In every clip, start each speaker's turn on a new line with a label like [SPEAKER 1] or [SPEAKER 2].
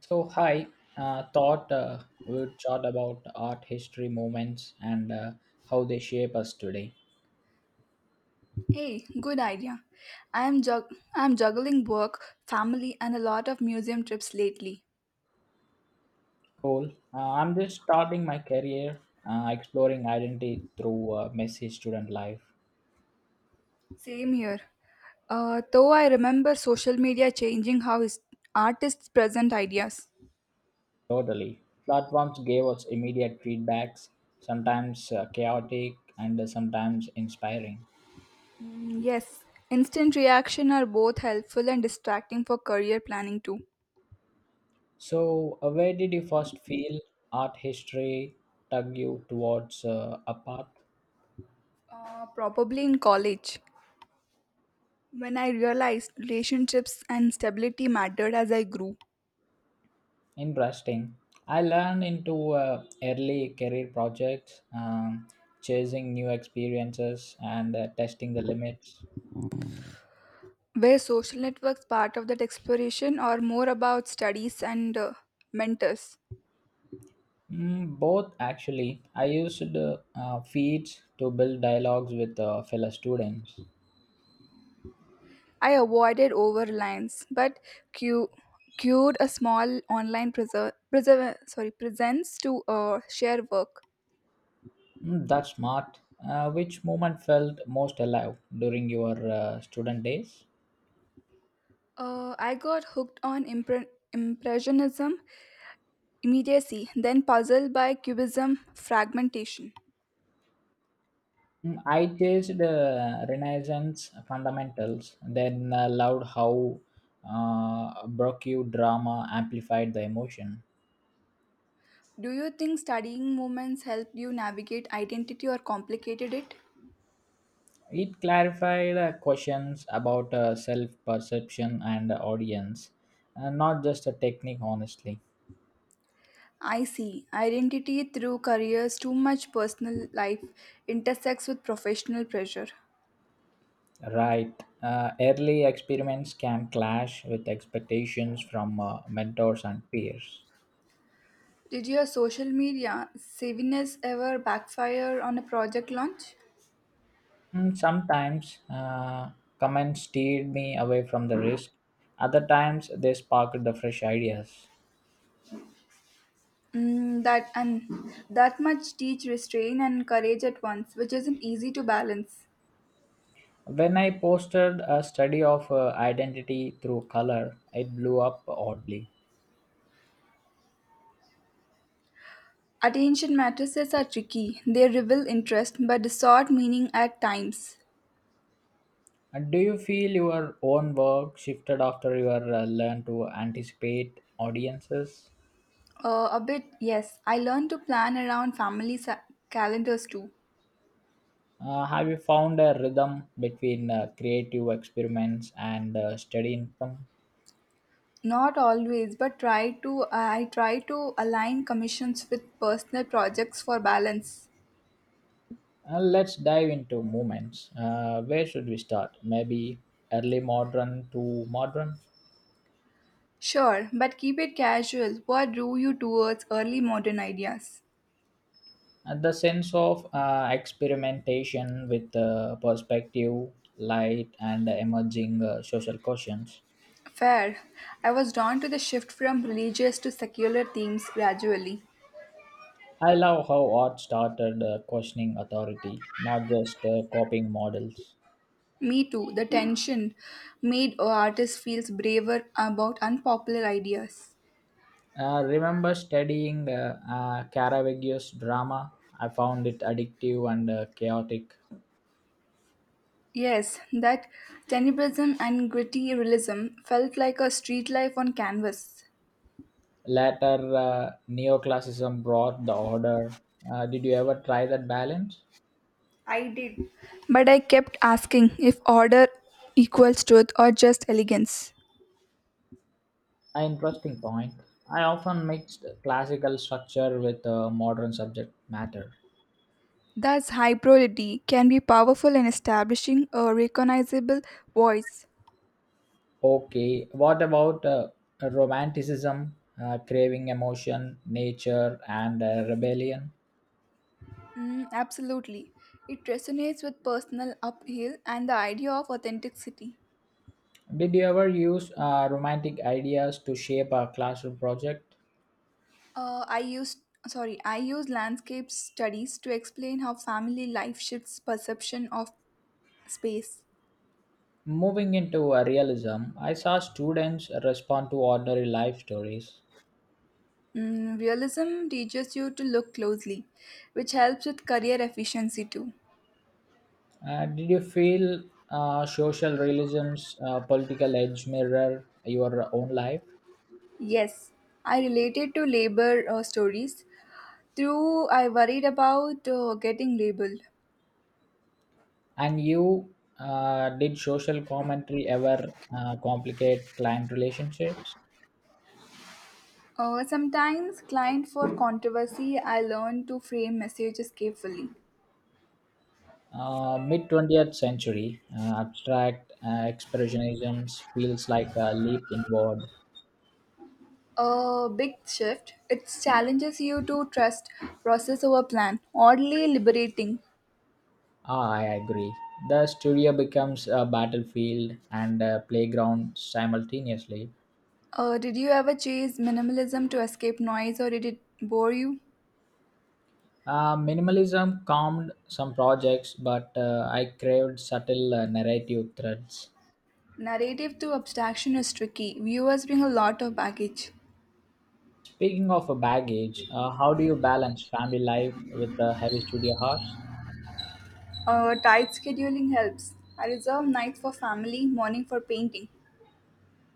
[SPEAKER 1] So, hi. Thought we'd chat about art history movements and how they shape us today.
[SPEAKER 2] Hey, good idea. I am juggling work, family, and a lot of museum trips lately.
[SPEAKER 1] Cool. I'm just starting my career, exploring identity through messy student life.
[SPEAKER 2] Same here. Though I remember social media changing how artists present ideas.
[SPEAKER 1] Totally. Platforms gave us immediate feedbacks, sometimes chaotic and sometimes inspiring.
[SPEAKER 2] Mm, yes, instant reaction are both helpful and distracting for career planning too.
[SPEAKER 1] So, where did you first feel art history tug you towards a path?
[SPEAKER 2] Probably in college, when I realized relationships and stability mattered as I grew.
[SPEAKER 1] Interesting. I learned into early career projects, chasing new experiences and testing the limits.
[SPEAKER 2] Were social networks part of that exploration or more about studies and mentors?
[SPEAKER 1] Mm, both actually. I used feeds to build dialogues with fellow students.
[SPEAKER 2] I avoided overlines, but cu- cued a small online presence to share work.
[SPEAKER 1] Mm, that's smart. Which moment felt most alive during your student days?
[SPEAKER 2] I got hooked on impressionism immediacy, then puzzled by cubism fragmentation.
[SPEAKER 1] Mm, I chased Renaissance fundamentals, then loved how Brocu drama amplified the emotion.
[SPEAKER 2] Do you think studying movements helped you navigate identity or complicated it?
[SPEAKER 1] It clarified questions about self perception and audience, and not just a technique, honestly.
[SPEAKER 2] I see. Identity through careers, too much personal life intersects with professional pressure.
[SPEAKER 1] Right. Early experiments can clash with expectations from mentors and peers.
[SPEAKER 2] Did your social media savviness ever backfire on a project launch?
[SPEAKER 1] Mm, sometimes comments steered me away from the risk. Other times they sparked the fresh ideas.
[SPEAKER 2] Mm, that and that much teach restraint and courage at once, which isn't easy to balance.
[SPEAKER 1] When I posted a study of identity through color, it blew up oddly.
[SPEAKER 2] Attention matrices are tricky. They reveal interest but distort meaning at times.
[SPEAKER 1] And do you feel your own work shifted after you are, learn to anticipate audiences?
[SPEAKER 2] A bit, yes. I learned to plan around family calendars too.
[SPEAKER 1] Have you found a rhythm between creative experiments and steady income?
[SPEAKER 2] Not always, but try to I try to align commissions with personal projects for balance.
[SPEAKER 1] Let's dive into movements. Where should we start? Maybe early modern to modern?
[SPEAKER 2] Sure, but keep it casual. What drew you towards early modern ideas?
[SPEAKER 1] The sense of experimentation with perspective, light, and emerging social questions.
[SPEAKER 2] Fair. I was drawn to the shift from religious to secular themes gradually.
[SPEAKER 1] I love how art started questioning authority, not just copying models.
[SPEAKER 2] Me too. The tension made artists feel braver about unpopular ideas.
[SPEAKER 1] Remember studying Caravaggios drama? I found it addictive and chaotic.
[SPEAKER 2] Yes, that tenebrism and gritty realism felt like a street life on canvas.
[SPEAKER 1] Later, neoclassicism brought the order. Did you ever try that balance?
[SPEAKER 2] I did. But I kept asking if order equals truth or just elegance.
[SPEAKER 1] An interesting point. I often mixed classical structure with modern subject matter.
[SPEAKER 2] Thus, hybridity can be powerful in establishing a recognizable voice.
[SPEAKER 1] Okay, what about romanticism, craving emotion, nature, and rebellion?
[SPEAKER 2] Mm, absolutely. It resonates with personal uphill and the idea of authenticity.
[SPEAKER 1] Did you ever use romantic ideas to shape a classroom project?
[SPEAKER 2] Uh, I used I use landscape studies to explain how family life shifts perception of space.
[SPEAKER 1] Moving into realism, I saw students respond to ordinary life stories.
[SPEAKER 2] Mm, realism teaches you to look closely, which helps with career efficiency too.
[SPEAKER 1] Did you feel social realism's political edge mirror your own life?
[SPEAKER 2] Yes, I related to labor stories. True, I worried about getting labeled.
[SPEAKER 1] And you, did social commentary ever complicate client relationships?
[SPEAKER 2] Sometimes, client for controversy, I learned to frame messages carefully.
[SPEAKER 1] Mid 20th century, abstract expressionism feels like a leap inward.
[SPEAKER 2] A big shift. It challenges you to trust process over plan. Oddly liberating.
[SPEAKER 1] Ah, I agree. The studio becomes a battlefield and a playground simultaneously.
[SPEAKER 2] Did you ever chase minimalism to escape noise, or did it bore you?
[SPEAKER 1] Minimalism calmed some projects, but I craved subtle narrative threads.
[SPEAKER 2] Narrative to abstraction is tricky. Viewers bring a lot of baggage.
[SPEAKER 1] Speaking of a baggage, how do you balance family life with the heavy studio hours?
[SPEAKER 2] Tight scheduling helps. I reserve nights for family, morning for painting.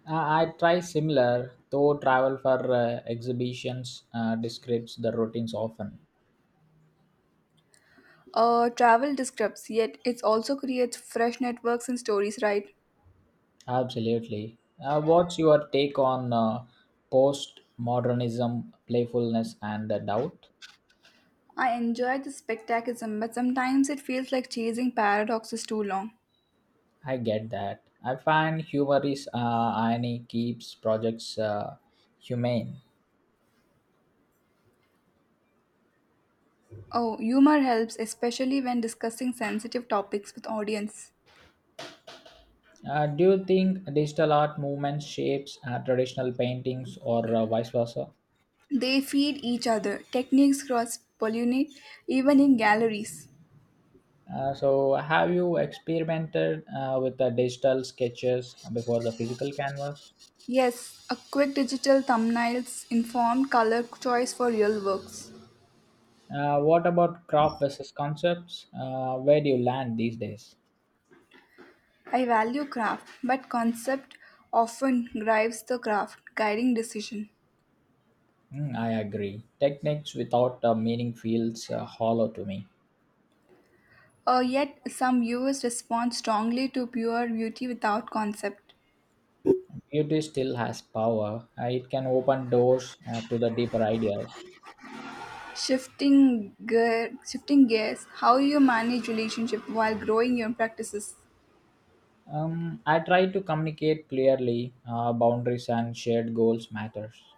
[SPEAKER 1] I try similar, though travel for exhibitions describes the routines often.
[SPEAKER 2] Travel disrupts, yet it also creates fresh networks and stories, right?
[SPEAKER 1] Absolutely. What's your take on post-modernism, playfulness, and doubt?
[SPEAKER 2] I enjoy the spectacism, but sometimes it feels like chasing paradoxes too long.
[SPEAKER 1] I get that. I find humor is irony keeps projects humane.
[SPEAKER 2] Oh, humor helps, especially when discussing sensitive topics with audience.
[SPEAKER 1] Do you think digital art movement shapes traditional paintings or vice versa?
[SPEAKER 2] They feed each other. Techniques cross-pollinate, even in galleries.
[SPEAKER 1] So, have you experimented with the digital sketches before the physical canvas?
[SPEAKER 2] Yes, a quick digital thumbnails, informed color choice for real works.
[SPEAKER 1] What about craft versus concepts? Where do you land these days?
[SPEAKER 2] I value craft, but concept often drives the craft, guiding decision.
[SPEAKER 1] Mm, I agree. Techniques without meaning feels hollow to me.
[SPEAKER 2] Yet, some viewers respond strongly to pure beauty without concept.
[SPEAKER 1] Beauty still has power. It can open doors to the deeper ideas.
[SPEAKER 2] Shifting gears, how you manage relationship while growing your practices.
[SPEAKER 1] I try to communicate clearly. Boundaries and shared goals matters.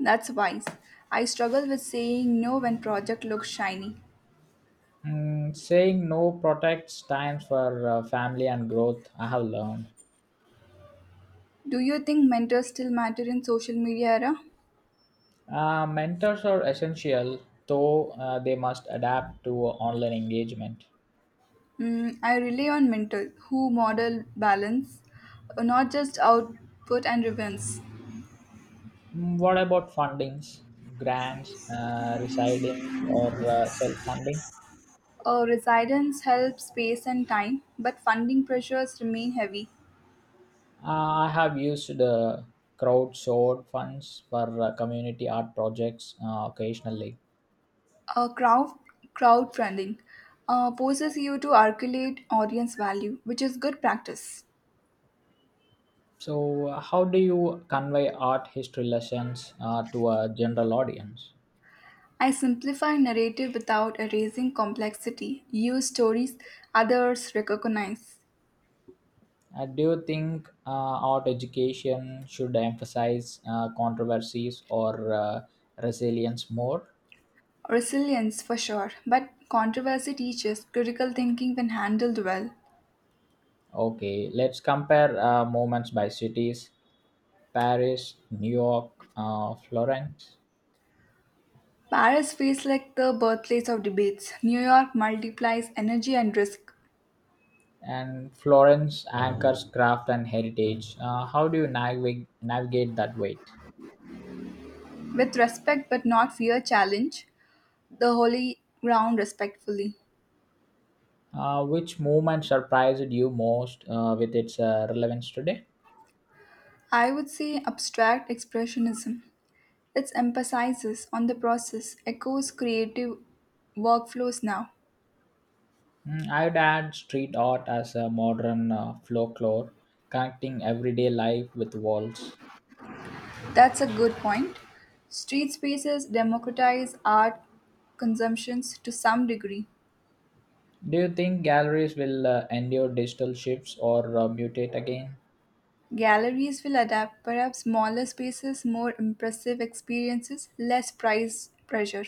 [SPEAKER 2] That's wise. I struggle with saying no when project looks shiny.
[SPEAKER 1] Mm, saying no protects time for family and growth. I have learned.
[SPEAKER 2] Do you think mentors still matter in social media era?
[SPEAKER 1] Mentors are essential, though they must adapt to online engagement.
[SPEAKER 2] Mm, I rely on mentors who model balance, not just output and returns.
[SPEAKER 1] Mm, what about fundings, grants, residings, or self funding?
[SPEAKER 2] Residence helps space and time, but funding pressures remain heavy.
[SPEAKER 1] I have used crowdsourced funds for community art projects occasionally.
[SPEAKER 2] Uh, crowd Crowdfunding poses you to articulate audience value, which is good practice.
[SPEAKER 1] So, how do you convey art history lessons to a general audience?
[SPEAKER 2] I simplify narrative without erasing complexity. Use stories others recognize.
[SPEAKER 1] Do you think art education should emphasize controversies or resilience more?
[SPEAKER 2] Resilience for sure, but controversy teaches critical thinking when handled well.
[SPEAKER 1] Okay, let's compare moments by cities: Paris, New York, Florence.
[SPEAKER 2] Paris feels like the birthplace of debates. New York multiplies energy and risk.
[SPEAKER 1] And Florence anchors craft and heritage. How do you navigate that weight?
[SPEAKER 2] With respect but not fear, challenge the holy ground respectfully.
[SPEAKER 1] Which movement surprised you most with its relevance today?
[SPEAKER 2] I would say abstract expressionism. It emphasizes on the process, echoes creative workflows now.
[SPEAKER 1] Mm, I would add street art as a modern folklore, connecting everyday life with walls.
[SPEAKER 2] That's a good point. Street spaces democratize art consumptions to some degree.
[SPEAKER 1] Do you think galleries will endure digital shifts or mutate again?
[SPEAKER 2] Galleries will adapt, perhaps smaller spaces, more impressive experiences, less price pressure.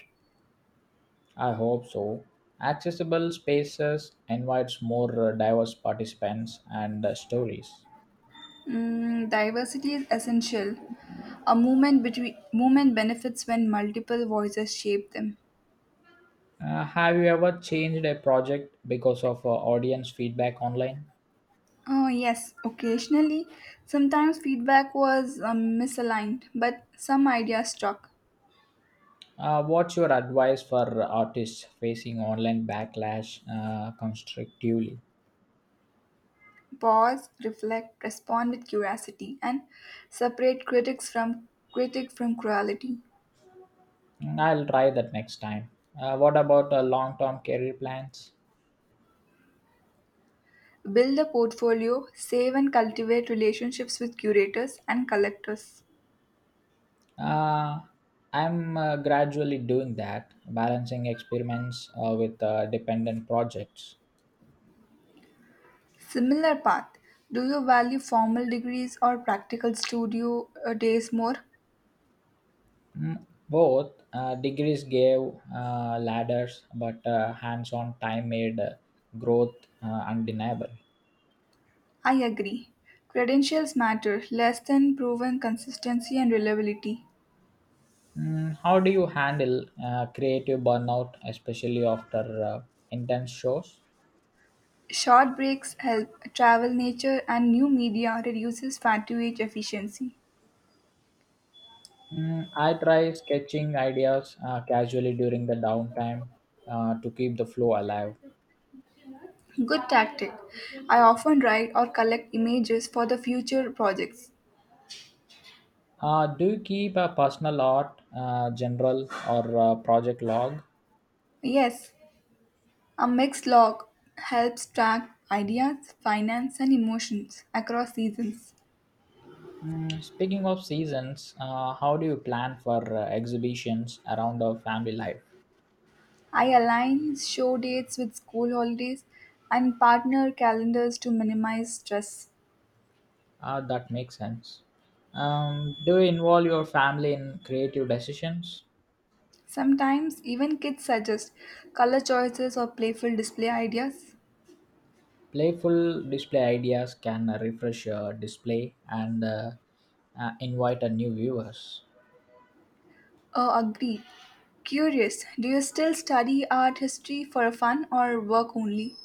[SPEAKER 1] I hope so. Accessible spaces invites more diverse participants and stories.
[SPEAKER 2] Mm, diversity is essential. A movement between movement benefits when multiple voices shape them.
[SPEAKER 1] Have you ever changed a project because of audience feedback online?
[SPEAKER 2] Oh, yes, occasionally. Sometimes feedback was misaligned, but some ideas stuck.
[SPEAKER 1] What's your advice for artists facing online backlash constructively?
[SPEAKER 2] Pause, reflect, respond with curiosity, and separate critic from cruelty.
[SPEAKER 1] Mm, I'll try that next time. What about long term career plans?
[SPEAKER 2] Build a portfolio, save and cultivate relationships with curators and collectors.
[SPEAKER 1] Uh, I'm gradually doing that, balancing experiments with dependent projects.
[SPEAKER 2] Similar path. Do you value formal degrees or practical studio days more?
[SPEAKER 1] Mm, both degrees gave ladders, but hands on time made growth undeniable.
[SPEAKER 2] I agree. Credentials matter less than proven consistency and reliability.
[SPEAKER 1] Mm, how do you handle creative burnout, especially after intense shows?
[SPEAKER 2] Short breaks help travel nature and new media reduces fatigue efficiency.
[SPEAKER 1] Mm, I try sketching ideas casually during the downtime to keep the flow alive.
[SPEAKER 2] Good tactic. I often write or collect images for the future projects.
[SPEAKER 1] Do you keep a personal art, general, or project log?
[SPEAKER 2] Yes, a mixed log helps track ideas, finance and emotions across seasons.
[SPEAKER 1] Mm, speaking of seasons, how do you plan for exhibitions around our family life?
[SPEAKER 2] I align show dates with school holidays and partner calendars to minimize stress.
[SPEAKER 1] Ah, that makes sense. Do you involve your family in creative decisions?
[SPEAKER 2] Sometimes even kids suggest color choices or playful display ideas.
[SPEAKER 1] Playful display ideas can refresh your display and invite a new viewers.
[SPEAKER 2] Oh, agreed. Curious, do you still study art history for fun or work only?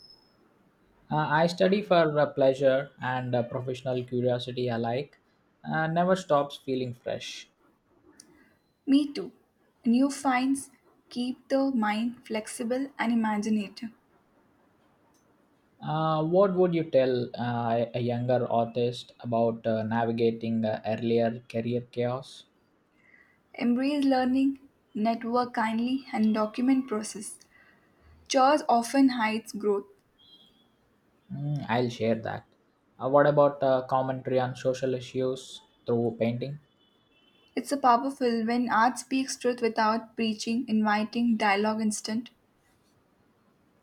[SPEAKER 1] I study for pleasure and professional curiosity alike. Never stops feeling fresh.
[SPEAKER 2] Me too. New finds keep the mind flexible and imaginative.
[SPEAKER 1] What would you tell a younger artist about navigating earlier career chaos?
[SPEAKER 2] Embrace learning, network kindly, and document process. Chores often hides growth.
[SPEAKER 1] Mm, I'll share that. What about commentary on social issues through painting?
[SPEAKER 2] It's a powerful when art speaks truth without preaching, inviting dialogue instant.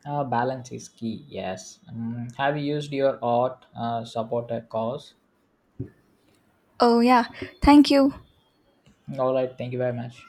[SPEAKER 1] Balance is key, yes. Mm, have you used your art support a cause?
[SPEAKER 2] Oh yeah, thank you.
[SPEAKER 1] All right, thank you very much.